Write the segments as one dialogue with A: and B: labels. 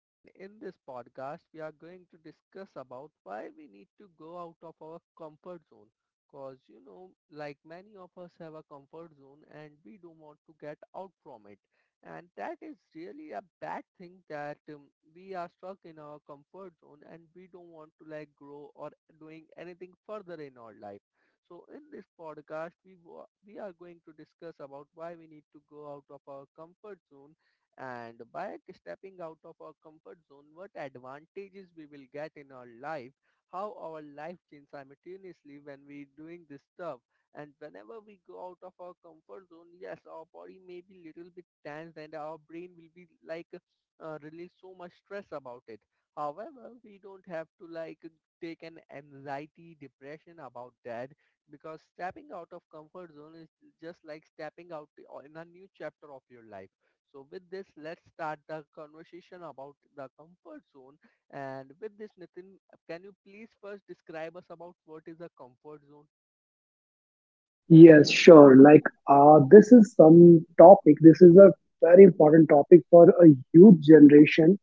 A: And in this podcast, we are going to discuss about why we need to go out of our comfort zone. Cause like many of us have a comfort zone and we don't want to get out from it. And that is really a bad thing that we are stuck in our comfort zone and we don't want to like grow or doing anything further in our life. So in this podcast, we are going to discuss about why we need to go out of our comfort zone, and by stepping out of our comfort zone, what advantages we will get in our life, how our life changes simultaneously when we doing this stuff, and whenever we go out of our comfort zone, yes, our body may be little bit tense, and our brain will be like release so much stress about it. However, we don't have to like take an anxiety, depression about that because stepping out of comfort zone is just like stepping out in a new chapter of your life. So with this, let's start the conversation about the comfort zone. And with this, Nitin, can you please first describe us about what is a comfort zone?
B: Yes, sure. Like, this is some topic. This is a very important topic for a youth generation.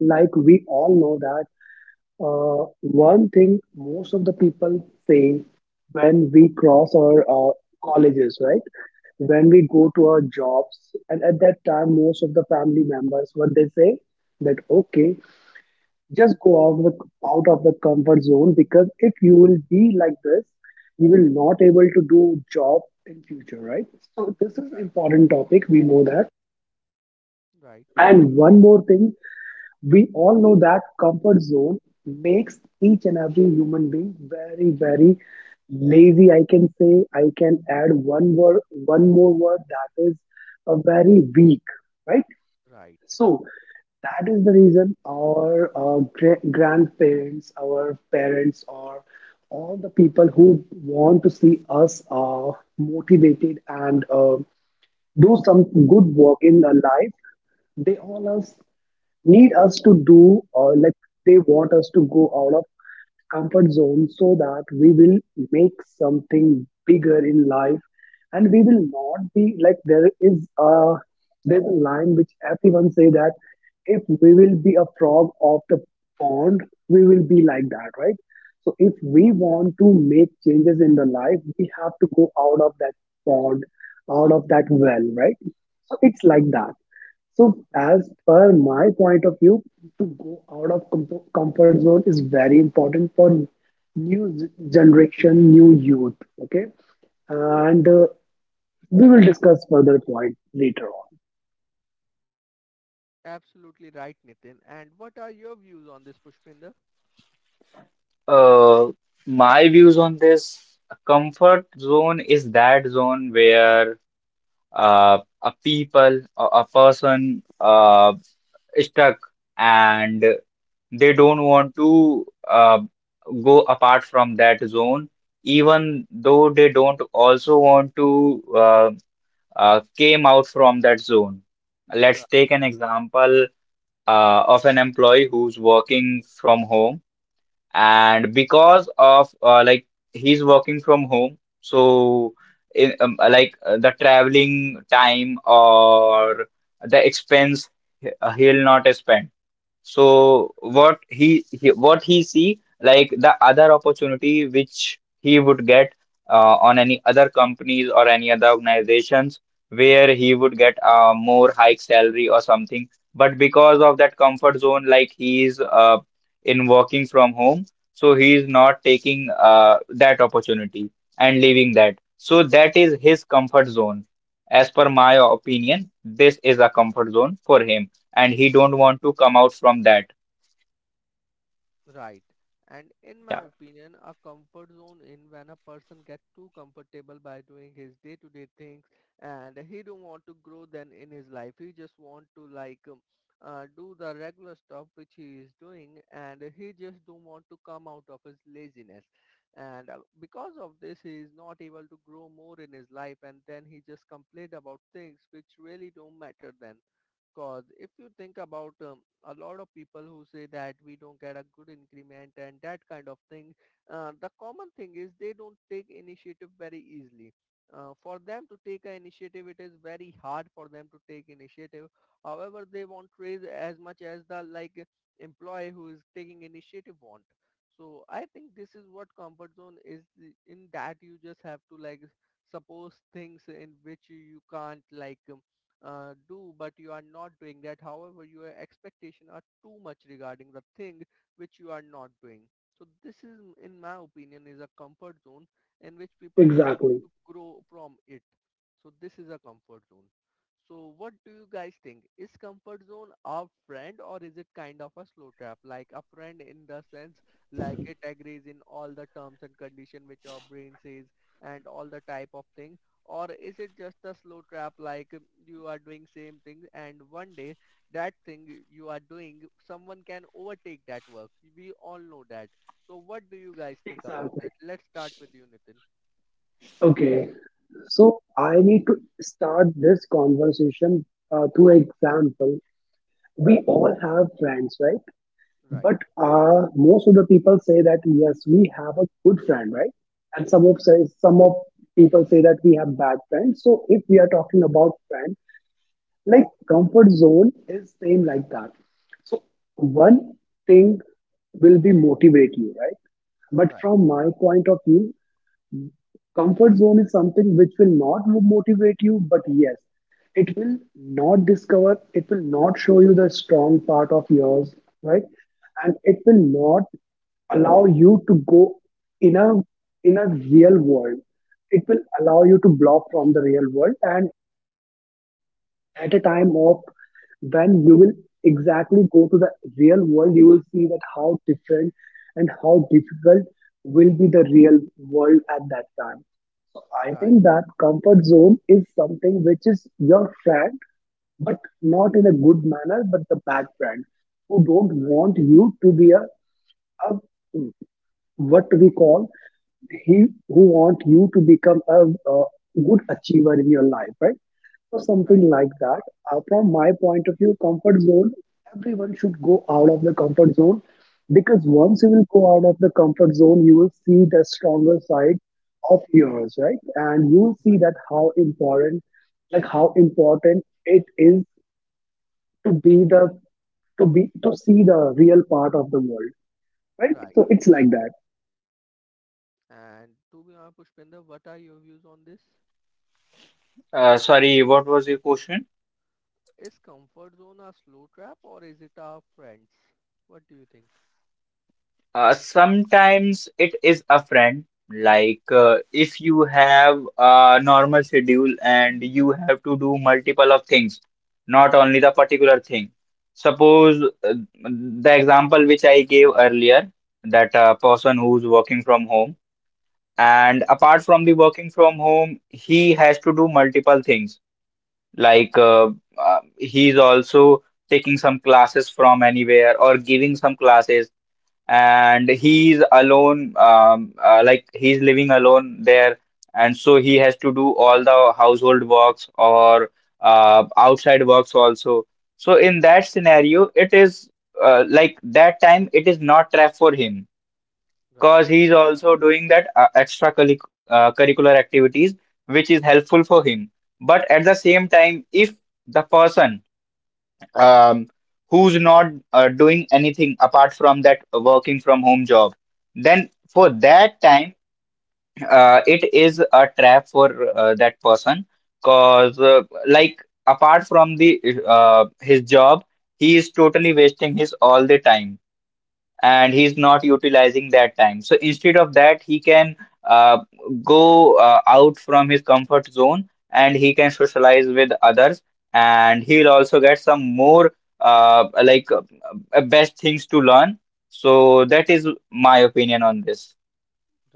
B: Like, we all know that one thing most of the people say when we cross our colleges, right? When we go to our jobs, and at that time, most of the family members, what they say that, okay, just go out of the comfort zone, because if you will be like this, you will not able to do job in future, right? So this is
A: Right.
B: important topic, we know that.
A: Right.
B: And one more thing, we all know that comfort zone makes each and every human being very, very lazy. I can say, I can add one word, one more word, that is a very weak, right?
A: Right.
B: So that is the reason our grandparents, our parents, or all the people who want to see us motivated and do some good work in our life, they all us need us to do, or like they want us to go out of comfort zone so that we will make something bigger in life. And we will not be like there's a line which everyone say that if we will be a frog of the pond, we will be like that, right? So if we want to make changes in the life, we have to go out of that pond, out of that well, right? So it's like that. So,
A: Right.
B: as per my point of view, to go out of comfort zone is very important for generation, new youth. Okay, and we will discuss further point later on.
A: Absolutely right, Nitin. And what are your views on this, Pushpinder?
C: Uh, my views on this, a comfort zone is that zone where a people, a person is stuck and they don't want to go apart from that zone, even though they don't also want to came out from that zone. Let's
A: Right.
C: take an example of an employee who's working from home,
A: Right.
C: and because of like he's working from home, so in, like the traveling time or the expense, he'll not spend. So what he what he see, like the other opportunity which he would get on any other companies or any other organizations where he would get a more high salary or something. But because of that comfort zone, like he is, in working from home, so he is not taking that opportunity and leaving that. So that is his comfort zone. As per my opinion, this is a comfort zone for him and he don't want to come out from that.
A: Right. And in my
C: Yeah.
A: opinion, a comfort zone in when a person gets too comfortable by doing his day-to-day things, and he don't want to grow then in his life. He just want to like do the regular stuff which he is doing, and he just don't want to come out of his laziness. And because of this, he is not able to grow more in his life, and then he just complain about things which really don't matter then, cause if you think about a lot of people who say that we don't get a good increment and that kind of thing, the common thing is they don't take initiative very easily. For them to take an initiative, it is very hard for them to take initiative. However, they won't raise as much as the like employee who is taking initiative want. So I think this is what comfort zone is, in that you just have to like suppose things in which you can't like do, but you are not doing that, however your expectation are too much regarding the thing which you are not doing. So this, is in my opinion, is a comfort zone in which people don't want
B: Exactly.
A: to grow from it. So this is a comfort zone. So what do you guys think, is comfort zone a friend or is it kind of a slow trap? Like a friend in the sense, like it agrees in all the terms and condition which our brain says, and all the type of things. Or is it just a slow trap, like you are doing same thing, and one day that thing you are doing someone can overtake that work. We all know that. So what do you guys think about
B: Exactly.
A: that? Let's start with you, Nitin.
B: Okay. So I need to start this conversation through example. We all have friends, right?
A: Right.
B: But most of the people say that yes, we have a good friend, right? And some of people say that we have bad friends. So if we are talking about friend, like comfort zone is same like that. So one thing will be motivate you, right? But
A: Right.
B: from my point of view, comfort zone is something which will not motivate you, but yes, it will not discover, it will not show you the strong part of yours, right? And it will not allow you to go in a in a real world. It will allow you to block from the real world, and at a time of when you will exactly go to the real world, you will see that how different and how difficult will be the real world at that time. So I
A: Right.
B: think that comfort zone is something which is your friend, but not in a good manner, but the bad friend who don't
A: Right.
B: want you to be a what we call, he who want you to become a good achiever in your life, right? So
A: Right.
B: something like that. From my point of view, comfort zone, everyone should go out of the comfort zone, because once you will go out of the comfort zone, you will see the stronger side of yours, right? And you will see that how important, like how important it is to be the to be to see the real part of the world, right?
A: Right. Right.
B: So it's like that.
A: And to be honest, Pushpinder, what are your views on this?
C: Sorry, what was your question?
A: Is comfort zone a slow trap or is it our friends? What do you think?
C: Sometimes it is a friend. Like,
A: Oh,
C: if you have a normal schedule and you have to do multiple of things, not only the particular thing. Suppose the example which I gave earlier, that a person who's working from home, and apart from the working from home, he has to do multiple things. Like he's also taking some classes from anywhere or giving some classes, and he's alone. Like he's living alone there, and so he has to do all the household works or outside works also. So in
A: right.
C: that scenario, it is, like that time, it is not trap for him because
A: Right.
C: he's also doing that extra curricular activities which is helpful for him. But at the same time, if the person, um, who's not doing anything apart from that working from home job, then for
A: Right.
C: that time, it is a trap for that person because, like, apart from the his job, he is totally wasting his all the time and he's not utilizing that time. So instead of that, he can uh, go out from his comfort zone and he can socialize with others, and he'll also get some more uh, like uh, best things to learn. So that is my opinion on this.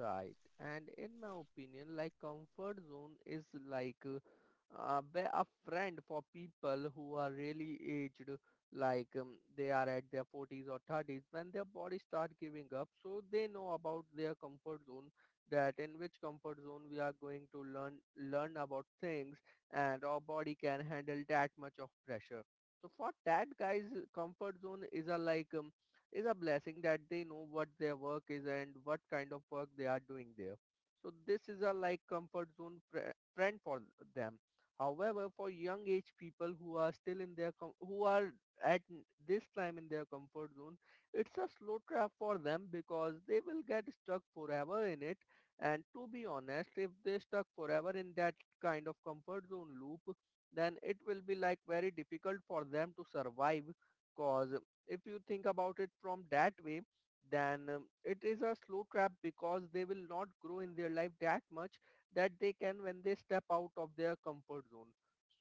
A: Right. And in my opinion, like comfort zone is like be a friend for people who are really aged, like they are at their 40s or 30s, when their body start giving up, so they know about their comfort zone, that in which comfort zone we are going to learn about things, and our body can handle that much of pressure. So for that guys, comfort zone is a like is a blessing, that they know what their work is and what kind of work they are doing there. So this is a like comfort zone trend for them. However, for young age people who are still in their who are at this time in their comfort zone, it's a slow trap for them because they will get stuck forever in it. And to be honest, if they stuck forever in that kind of comfort zone loop, then it will be like very difficult for them to survive, cause if you think about it from that way, then it is a slow trap because they will not grow in their life that much that they can when they step out of their comfort zone.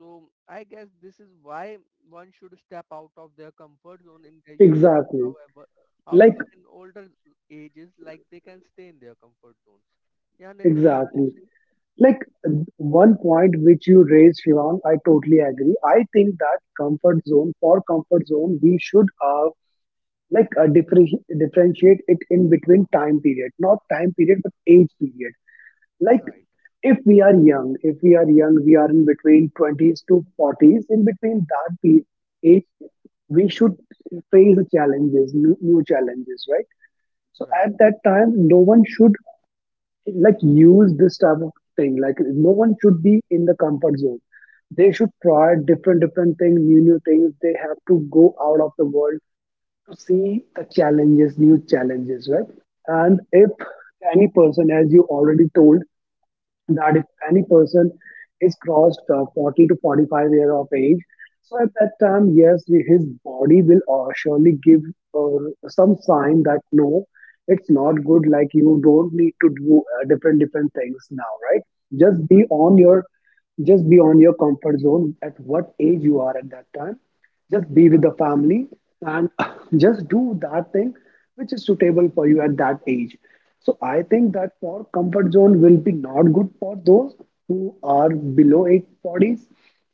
A: So I guess this is why one should step out of their comfort zone in their young.
B: Exactly.
A: However,
B: Like,
A: in older ages, like they can stay in their comfort zones. Yeah, Nitin, what are
B: exactly.
A: you saying?
B: Like, one point which you raised, Shivang, I totally agree. I think that comfort zone, for comfort zone, we should, like differentiate it in between time period, not time period, but age period. Like,
A: Right,
B: if we are young, if we are young, we are in between 20s to 40s, in between that age, we should face challenges, new, new challenges, right? So at
A: right,
B: that time, no one should, like, use this type of thing, like no one should be in the comfort zone. They should try different different things, new new things. They have to go out of the world to see the challenges, new challenges, right? And if any person, as you already told, that if
A: right,
B: any person is crossed 40 to 45 year of age, so at that time yes, his body will surely give some sign that no, it's
A: right,
B: not
A: right,
B: good, like you don't need to do different different things now, right? Just be on your just be on your comfort zone, at what age you are at that time, just be with the
A: right.
B: family and just do that thing which is suitable for you at that age. So I think that for comfort zone will be not good for those who are below age 40s.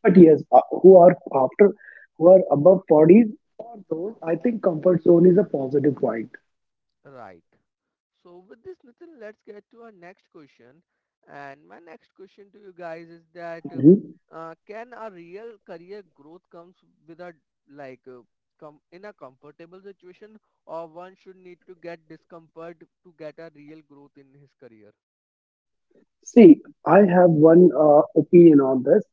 B: But yes, who are after, who are above 40s, for those I think comfort zone is a positive point.
A: Right. So with this, Nitin, let's get to our next question. And my next question to you guys is that
B: Mhm.
A: can a real career growth comes with a like in a comfortable situation, or one should need to get discomfort to get a real growth in his career?
B: See, I have one opinion on this,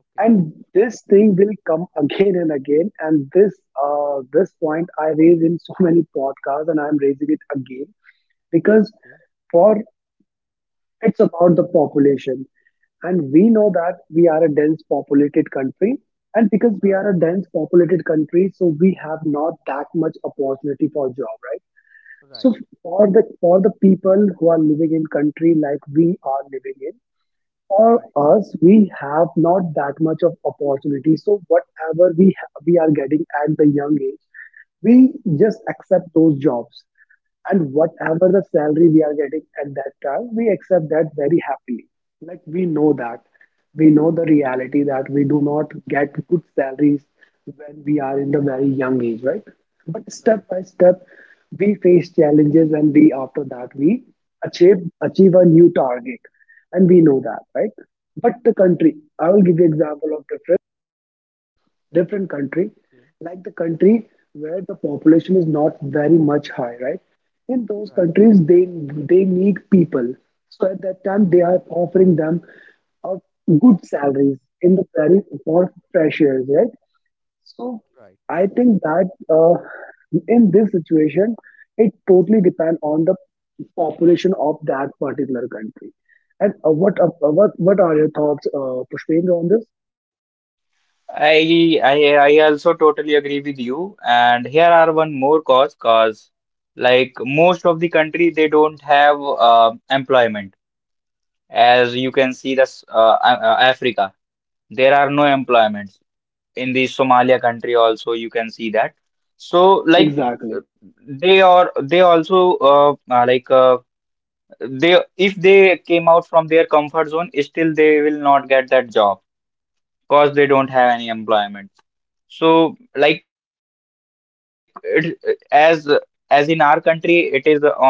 A: Okay.
B: and this thing will come again and again, and this point I raise in so many podcasts, and I'm raising it again because,
A: Okay.
B: for, it's about the population, and we know that we are a dense populated country. And because we
A: Right.
B: are a dense populated country, so we have not that much opportunity for job, right?
A: Right.
B: So for the people who are living in country like we are living in, for
A: Right.
B: us, we have not that much of opportunity. So whatever we are getting at the young age, we just accept those jobs. And whatever the salary we are getting at that time, we accept that very happily. Like we know that. We know the reality that we do not get good salaries when we are in the very young age, right? But step
A: Right.
B: by step, we face challenges, and we, after that, we achieve a new target. And we know that, right? But the
A: Right.
B: country, I will give you example of different different country,
A: Okay.
B: like the country where the population is not very much high, right? In those
A: Right.
B: countries, they need people. So at that time, they are offering them of good salaries in the very for freshers, right? So
A: Right.
B: I think that in this situation, it totally depends on the population of that particular country. And what what are your thoughts, Pushpendra, on this?
C: I also totally agree with you. And here are one more cause, like most of the country they don't have employment, as you can see this, Africa. There are no employments in the Somalia country also, you can see that. So like,
B: Exactly.
C: uh, they are, they also, they if they came out from their comfort zone still they will not get that job because they don't have any employment. So like it, as as in our country, it is on um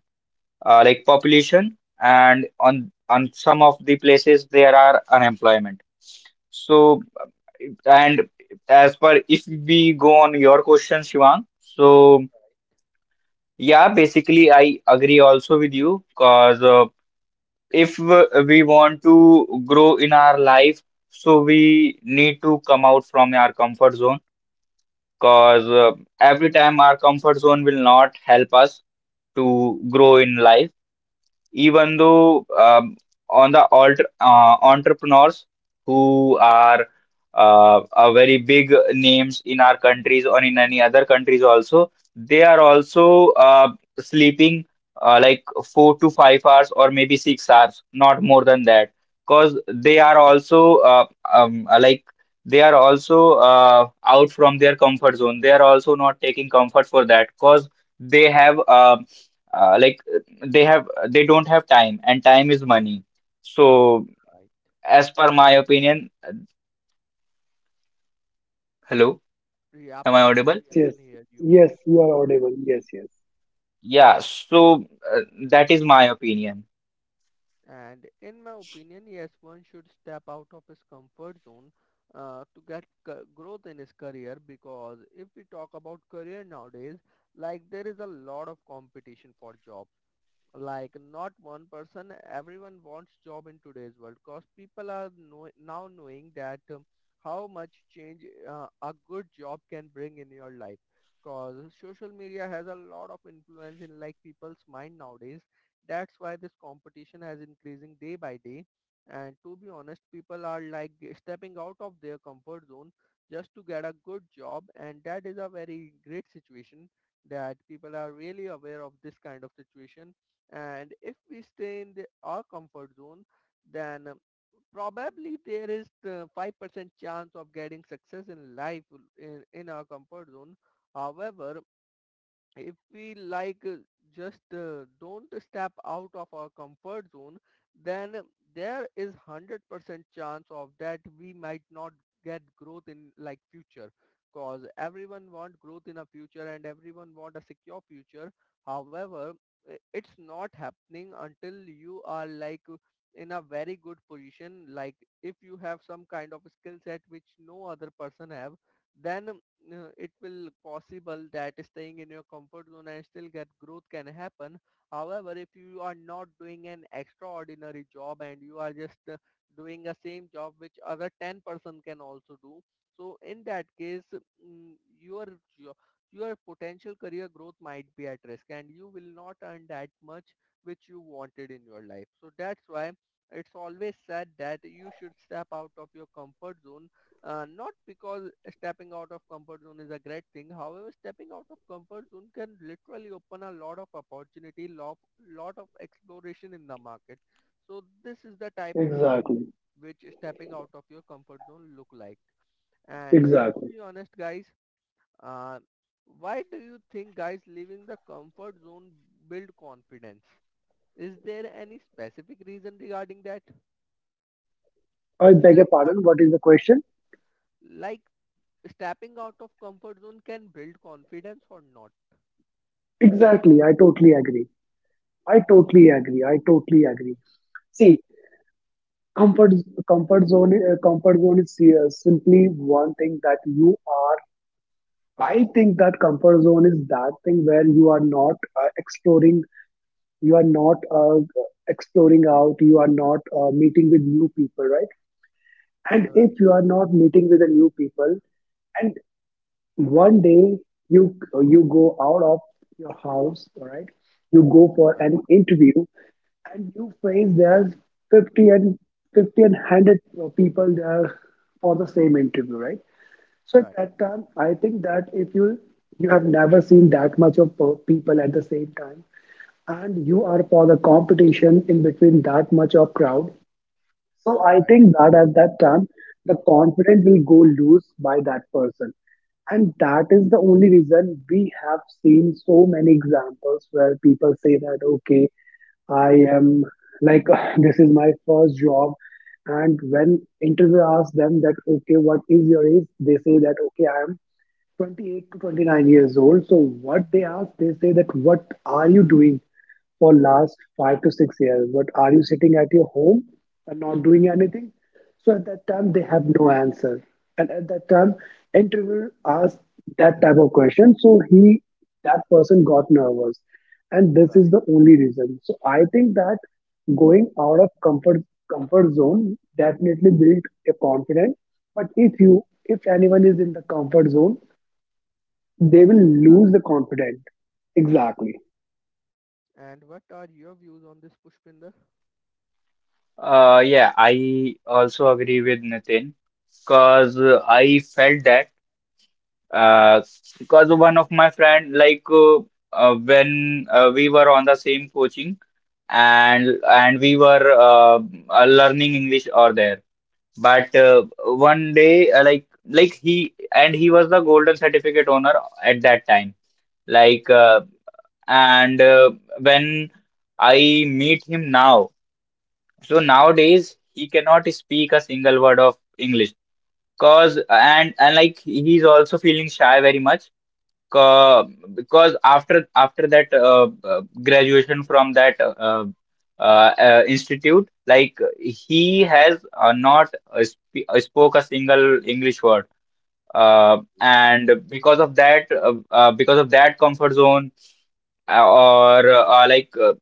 C: uh, like population, and on some of the places there are unemployment. So, and as per, if we go on your question, Shivang, so yeah, basically I agree also with you because, if, we want to grow in our life, so we need to come out from our comfort zone. Because
A: Right.
C: every time our comfort zone will not help us to grow in life, even though, on the alter, entrepreneurs who are very big names in our countries or in any other countries also, they are also sleeping, like 4 to 5 hours or maybe 6 hours, not more than that, because they are also like they are also out from their comfort zone. They are also not taking comfort for that, because they have like they have, they don't have time and time is money. So
A: Right.
C: as per my opinion, hello?
A: Yeah,
C: Am I audible?
A: Pushpinder, we
B: Yes,
A: can
B: yes,
A: hear you.
B: yes, you are audible. Yes, yes,
C: Yeah, so uh, that is my opinion.
A: And in my opinion, yes, one should step out of his comfort zone to get growth in his career, because if we talk about career nowadays, like there is a lot of competition for job, like not one person, everyone wants job in today's world, because people are now knowing that how much change a good job can bring in your life, because social media has a lot of influence in like people's mind nowadays. That's why this competition has increasing day by day. And to be honest, people are like stepping out of their comfort zone just to get a good job, and that is a very great situation that people are really aware of this kind of situation. And if we stay in the, our comfort zone, then probably there is the 5% chance of getting success in life in our comfort zone. However, if we like just don't step out of our comfort zone, then there is 100% chance of that we might not get growth in like future, cause everyone want growth in a future and everyone want a secure future. However, it's not happening until you are like in a very good position, like if you have some kind of skill set which no other person have, then it will possible that staying in your comfort zone and still get growth can happen. However, if you are not doing an extraordinary job and you are just doing a same job which other 10-person can also do, so in that case, your jo- your potential career growth might be at risk, and you will not earn that much which you wanted in your life. So that's why it's always said that you should step out of your comfort zone, not because stepping out of comfort zone is a great thing. However, stepping out of comfort zone can literally open a lot of opportunity, lot, lot of exploration in the market. So this is the type of thing
B: exactly,
A: which stepping out of your comfort zone look like. And to
B: exactly.
A: be honest, guys, uh, why do you think guys leaving the comfort zone build confidence? Is there any specific reason regarding that?
B: I beg your
A: Let's start
B: pardon,
A: with
B: what is
A: you.
B: the question?
A: Like, stepping out of comfort zone can build confidence or not, in simple
B: Exactly,
A: words.
B: I totally agree. I
A: Okay,
B: totally agree. I totally agree. See, comfort comfort zone is simply one thing that you are. I think that comfort zone is that thing where you are not exploring, you are not exploring out, you are not meeting with new people, right? And
A: right,
B: if you are not meeting with the new people, and one day you you go out of your house, all right, you go for
A: right,
B: an interview, and you face, there's 50 and 50 and 100 people there for the same interview, right? So at
A: right,
B: that time I think that if you, you have never seen that much of people at the same time, and you are for the competition in between that much of crowd. So I
A: right,
B: think that at that time, the confidence will go loose by that person. And that is the only reason we have seen so many examples where people say that, okay, I am like, this is my first job. And when interviewer asks them that, okay, what is your age? They say that, okay, I am 28 to 29 years old. So what they ask, they say that what are you doing for last 5 to 6 years? What are you sitting at your home and not doing anything? So at that time they have no answer. And at that time, interviewer asked that type of question. So he that person got nervous. And this is
A: right,
B: the only reason. So I think that going out of comfort zone definitely build a confidence. But if anyone is in the comfort zone, they will lose
A: right.
B: the confidence. Exactly,
A: And what are your views on this, Pushpinder?
C: Yeah, I also agree with Nitin, because I felt that uh because one of my friend, like, when we were on the same coaching, and we were learning English over there. But one day, like he, and he was the golden certificate owner at that time. Like and when I meet him now, so
A: Okay,
C: nowadays he cannot speak a single word of English. Cause and like he's also feeling shy very much, uh, because after that graduation from that institute, like he has not sp spoke a single English word.
A: okay.
C: And because of that comfort zone, or like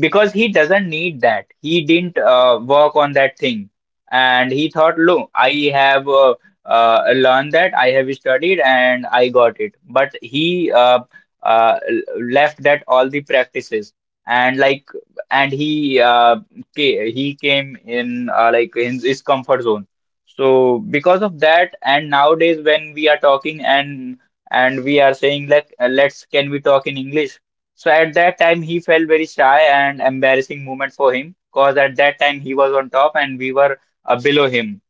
C: because he doesn't need that. He didn't work on that thing, and he thought, "Look, I have learned that, I have studied, and I got it." But he uh, left that all the practices, and like, and he, he came in, like in his comfort zone. So because of that, and nowadays when we are talking, and we are saying like, "Let's, can we talk in English?" So at that time, he felt very shy and embarrassing moment for him, because at that time he was on top and we were below him.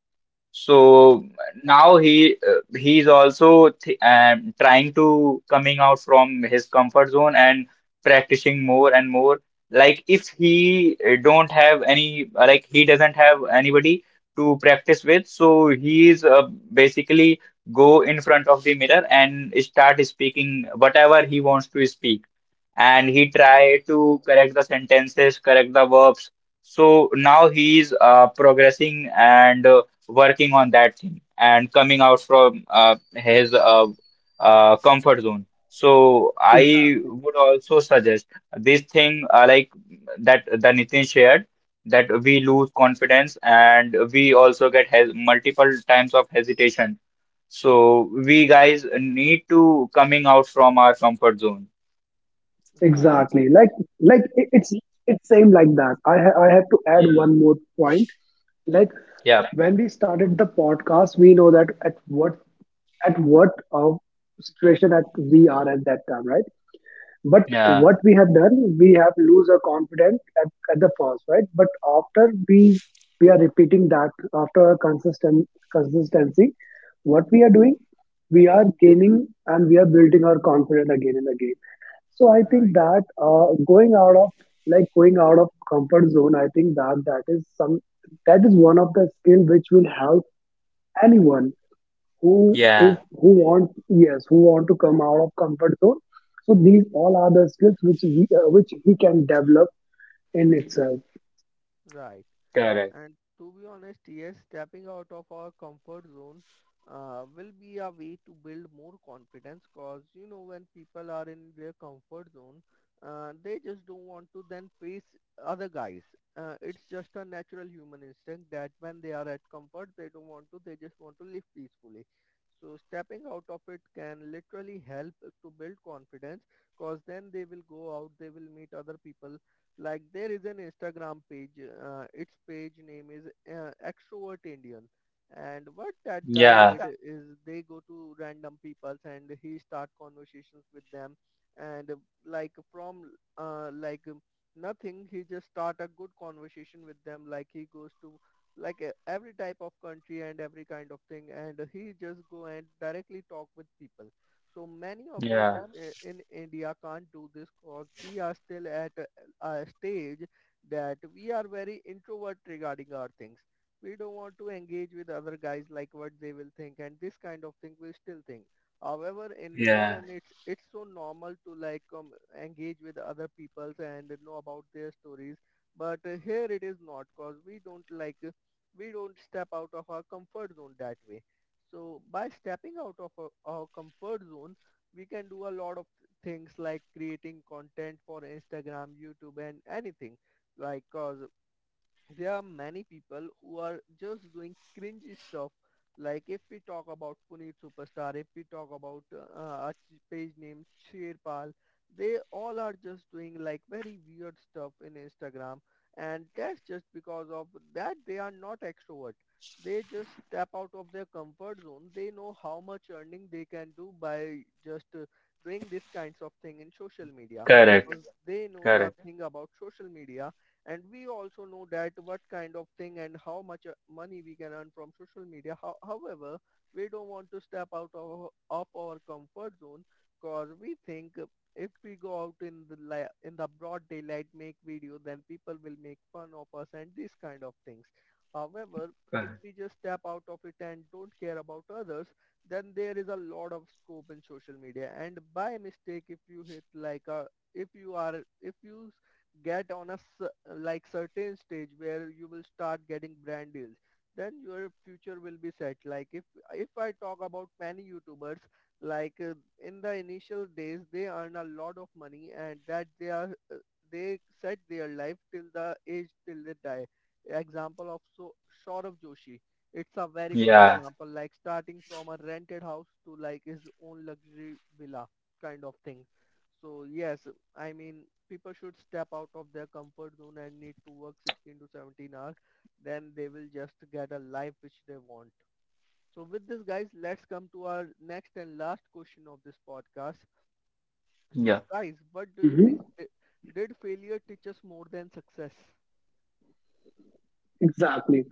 A: Right,
C: So now he he's also th trying to coming out from his comfort zone and practicing more and more. Like if he don't have any, like he doesn't have anybody to practice with, so he's basically go in front of the mirror and start speaking whatever he wants to speak. And he
A: right,
C: try to correct the sentences, correct the verbs. So now he is progressing and working on that thing and coming out from his comfort zone. So I
B: exactly,
C: would also suggest this thing, like, that the Nitin shared, that we lose confidence and we also get hes multiple times of hesitation. So we guys need to coming out from our comfort zone.
A: right,
B: exactly. Like like it- it's it's same like that. I have to add
C: Yeah.
B: one more point, like,
C: Yeah,
B: when we started the podcast, we know that at what situation that we are at that time, right? But
C: yeah,
B: what we have done, we have lose our confidence at the first, right? But after we are repeating that after our consistent consistency, what we are doing, we are gaining and we are building our confidence again and again. So I think
A: right,
B: that going out of, like going out of comfort zone, I think that that is some that is one of the skill which will help anyone who
A: right,
C: yeah,
B: is who want, yes, who want to come out of comfort zone. So these all are the skills which which he can develop in itself.
A: right.
C: correct.
A: And to be honest, yes, stepping out of our comfort zone will be a way to build more confidence because when people are in their comfort zone, they just don't want to then face other guys. It's just a natural human instinct that when they are at comfort, they don't want to, they just want to live peacefully. So stepping out of it can literally help to build confidence, because then they will go out, they will meet other people. Like, there is an Instagram page. Its page name is Extrovert Indian. And what that guy
C: Yeah,
A: did is they go to random peoples and he start conversations with them. And like from like nothing, he just start a good conversation with them. Like he goes to like every type of country and every kind of thing, and he just go and directly talk with people. So many of us
C: yeah,
A: in india can't do this, cause we are still at a stage that we are very introvert regarding our things. We don't want to engage with other guys like what they will think, and this kind of thing we still think. However, in
C: yeah,
A: foreign, it's so normal to engage with other peoples and know about their stories. But here it is not because we don't we don't step out of our comfort zone that way. So by stepping out of our comfort zone, we can do a lot of things like creating content for Instagram, YouTube and anything like cause there are many people who are just doing cringe stuff. Like if we talk about Puneet Superstar, if we talk about a page name Sherpal, they all are just doing like very weird stuff in Instagram, and that's just because of that they are not extrovert. They just step out of their comfort zone. They know how much earning they can do by just doing these kinds of thing in social media.
C: correct,
A: 'Cause they know the
C: correct,
A: thing about social media, and we also know that what kind of thing and how much money we can earn from social media. However, we don't want to step out of our comfort zone because we think if we go out in the in the broad daylight make video, then people will make fun of us and these kind of things. However, if
C: correct.
A: we just step out of it and don't care about others, then there is a lot of scope in social media. And by mistake if you hit like a if you get on like certain stage where you will start getting brand deals, then your future will be set. Like if I talk about many youtubers like uh, in the initial days they earn a lot of money, and that they set their life till the age till they die. Example of so Saurabh Joshi, it's a very good
C: Yeah.
A: example, like starting from a rented house to like his own luxury villa kind of thing. So yes, I mean, people should step out of their comfort zone and need to work 16 to 17 hours. Then they will just get a life which they want. So with this, guys, let's come to our next and last question of this podcast.
C: Yeah.
A: So, guys, what do you
B: Hmm.
A: think? Did failure teach us more than success?
B: Exactly,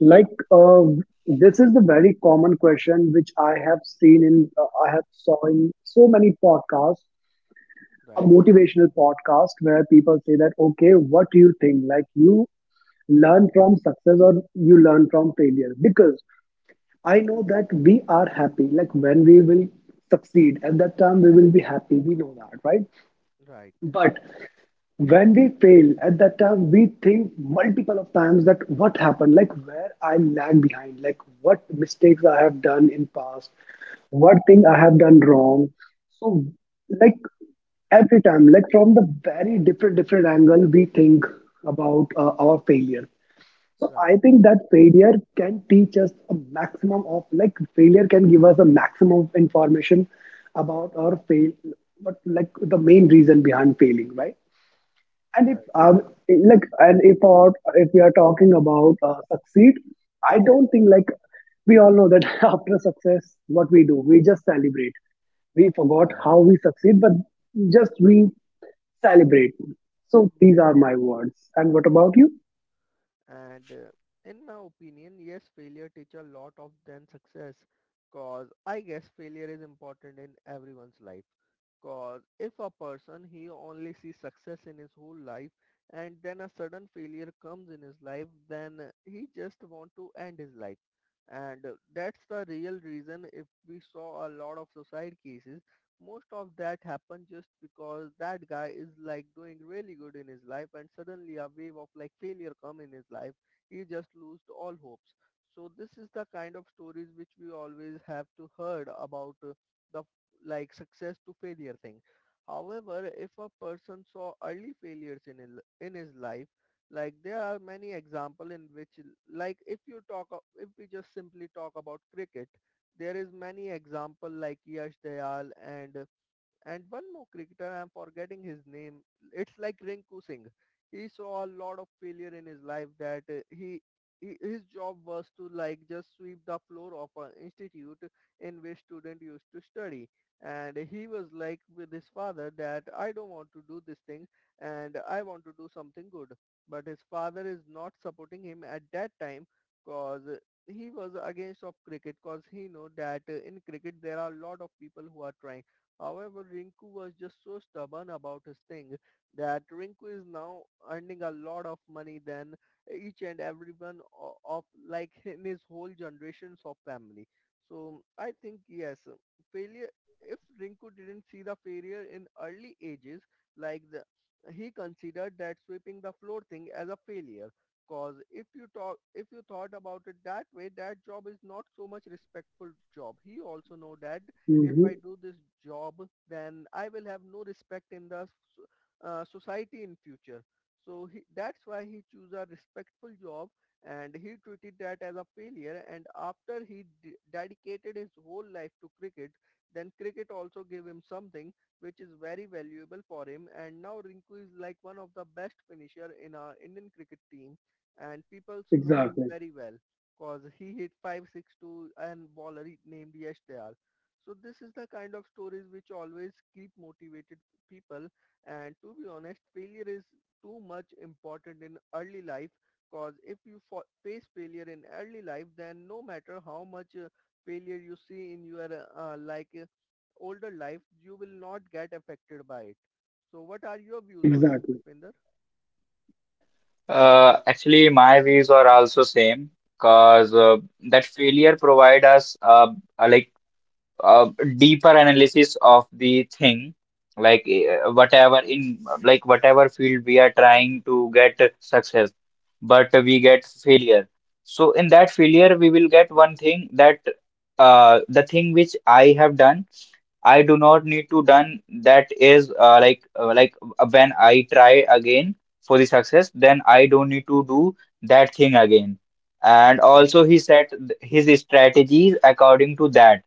B: like,
A: Okay,
B: this is the very common question which I have saw in so many podcasts, a
A: right,
B: motivational podcast where people say that, okay, what do you think, like, you learn from success or you learn from failure, because I know that we are happy, like when we will succeed, at that time we will be happy, we know that, right?
A: right,
B: But when we fail, at that time we think multiple of times that what happened, like where I lag behind, like what mistakes I have done in past, what thing I have done wrong. So, like, every time, like from the very different different angle, we think about our failure. So I
A: right,
B: think that failure can teach us a maximum of, like failure can give us a maximum of information about our fail, but like the main reason behind failing, right? And if
A: right,
B: like and if our, if we are talking about succeed, I don't think like we all know that after success, what we do, we just celebrate. We forgot
A: right.
B: how we succeed, but just we celebrate. So these are my words. And what about you?
A: And in my opinion, yes, failure teach a lot of than success. Cause I guess failure is important in everyone's life. Cause if a person he only sees success in his whole life, and then a sudden failure comes in his life, then he just want to end his life. And that's the real reason if we saw a lot of suicide cases, most of that happened just because that guy is like doing really good in his life, and suddenly a wave of like failure come in his life. He just lost all hopes. So this is the kind of stories which we always have to heard about the like success to failure thing. However, if a person saw early failures in in his life, like there are many example in which, like if you if we just simply talk about cricket, there is many example like Yash Dayal and one more cricketer, I'm forgetting his name. It's like Rinku Singh. He saw a lot of failure in his life that he his job was to like just sweep the floor of an institute in which students used to study. And he was like with his father that I don't want to do this thing, and I want to do something good. But his father is not supporting him at that time because he was against of cricket because he know that in cricket there are a lot of people who are trying. However, Rinku was just so stubborn about his thing that Rinku is now earning a lot of money than each and everyone of like in his whole generations of family. So I think yes, failure. If Rinku didn't see the failure in early ages, like the, he considered that sweeping the floor thing as a failure. Cause if you talk, if you thought about it that way, that job is not so much respectful job. He also know that if
B: Hmm.
A: I do this job, then I will have no respect in the society in future. So he, that's why he chose a respectful job, and he treated that as a failure. And after he dedicated his whole life to cricket, then cricket also gave him something which is very valuable for him. And now Rinku is like one of the best finisher in our Indian cricket team, and people know him
B: Exactly.
A: very well because he hit 5 6 2 and bowler named Yash Dayal. So this is the kind of stories which always keep motivated people. And to be honest, failure is too much important in early life, because if you face failure in early life, then no matter how much failure you see in your older life, you will not get affected by it. So what are your views on this,
B: Exactly.
A: Pushpinder?
C: Actually, my views are also same, because
A: Right,
C: that failure provide us a, like a deeper analysis of the thing, like
A: right,
C: whatever in, like whatever field we are trying to get success, but we get failure. So in that failure, we will get one thing, that the thing which I have done, I do not need to done. That is when I try again for the success, then I don't need to do that thing again. And
A: right,
C: also he set his strategies according to that.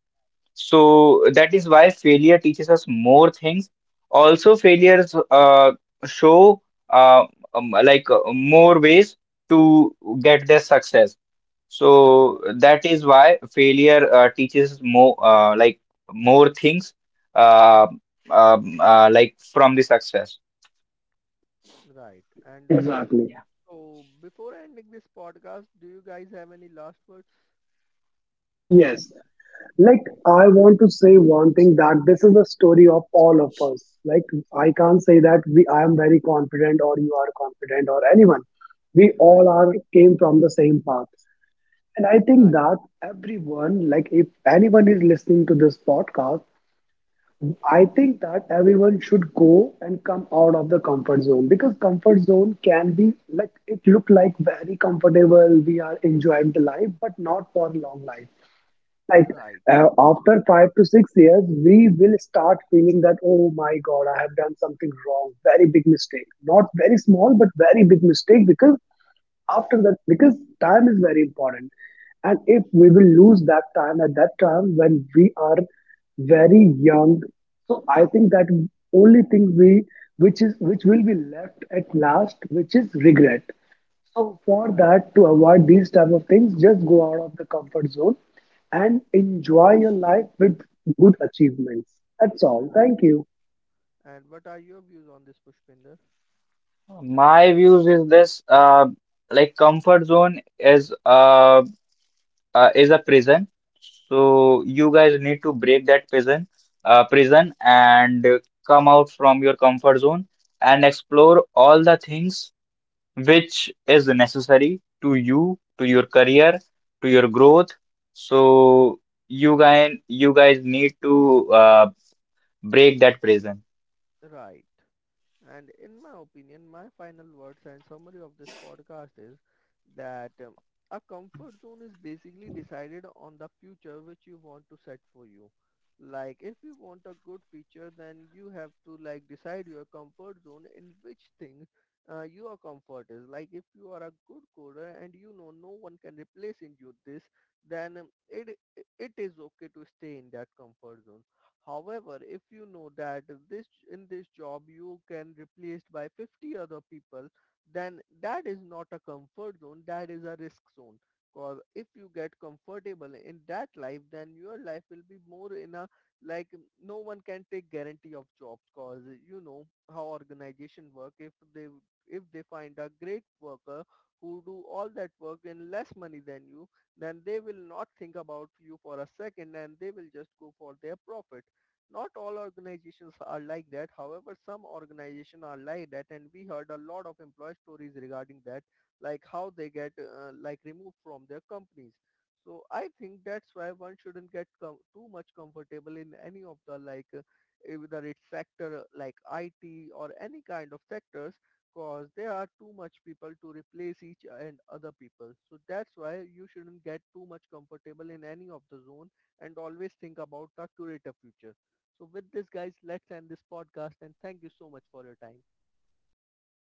A: right,
C: So that is why failure teaches us more things. Also, failures show uh, more ways to get their success.
A: right,
C: So that is why failure teaches more, more things, uh, from the success.
A: right. And
B: Exactly.
C: Yeah.
A: so before ending this podcast, do you guys have any last words?
B: Yes. Like,
A: Okay,
B: I want to say one thing that this is a story of all of us. Like, I can't say that we, I am very confident or you are confident or anyone. We
A: right.
B: all are came from the same path. And I think
A: Right,
B: that everyone, like, if anyone is listening to this podcast, I think that everyone should go and come out of the comfort zone because comfort zone can be like it look like very comfortable. We are enjoying the life, but not for long life. Like,
A: right,
B: after 5 to 6 years we will start feeling that oh my god, I have done something wrong, very big mistake, not very small but very big mistake, because after that, because time is very important, and if we will lose that time at that time when we are very young, so I think that only thing we which is which will be left at last which is regret. So for
A: right,
B: that, to avoid these type of things, just go out of the comfort zone and enjoy your life with good achievements. That's all. Thank
A: right.
B: you.
A: And what are your views on this, Pushpinder?
C: My views is this, like comfort zone is, is a prison. So you guys need to break that prison, and come out from your comfort zone and explore all the things which is necessary to you, to your career, to your growth. So you guys need to break that prison.
A: Right. And in my opinion, my final words and summary of this podcast is that a comfort zone is basically decided on the future which you want to set for you. Like if you want a good future, then you have to like decide your comfort zone in which thing your comfort is. Like if you are a good coder and you know no one can replace in you this, then it it is okay to stay in that comfort zone. However, if you know that this in this job you can replaced by 50 other people, then that is not a comfort zone, that is a risk zone. Because if you get comfortable in that life, then your life will be more in a like no one can take guarantee of jobs. Cause you know how organization work. If they find a great worker who do all that work in less money than you, then they will not think about you for a second, and they will just go for their profit. Not all organizations are like that. However, some organizations are like that, and we heard a lot of employee stories regarding that, like how they get like removed from their companies. So I think that's why one shouldn't get too much comfortable in any of the whether it's sector like IT or any kind of sectors, because there are too much people to replace each and other people. So that's why you shouldn't get too much comfortable in any of the zone, and always think about the curator future. So with this guys, let's end this podcast, and thank you so much for your time.
B: Welcome.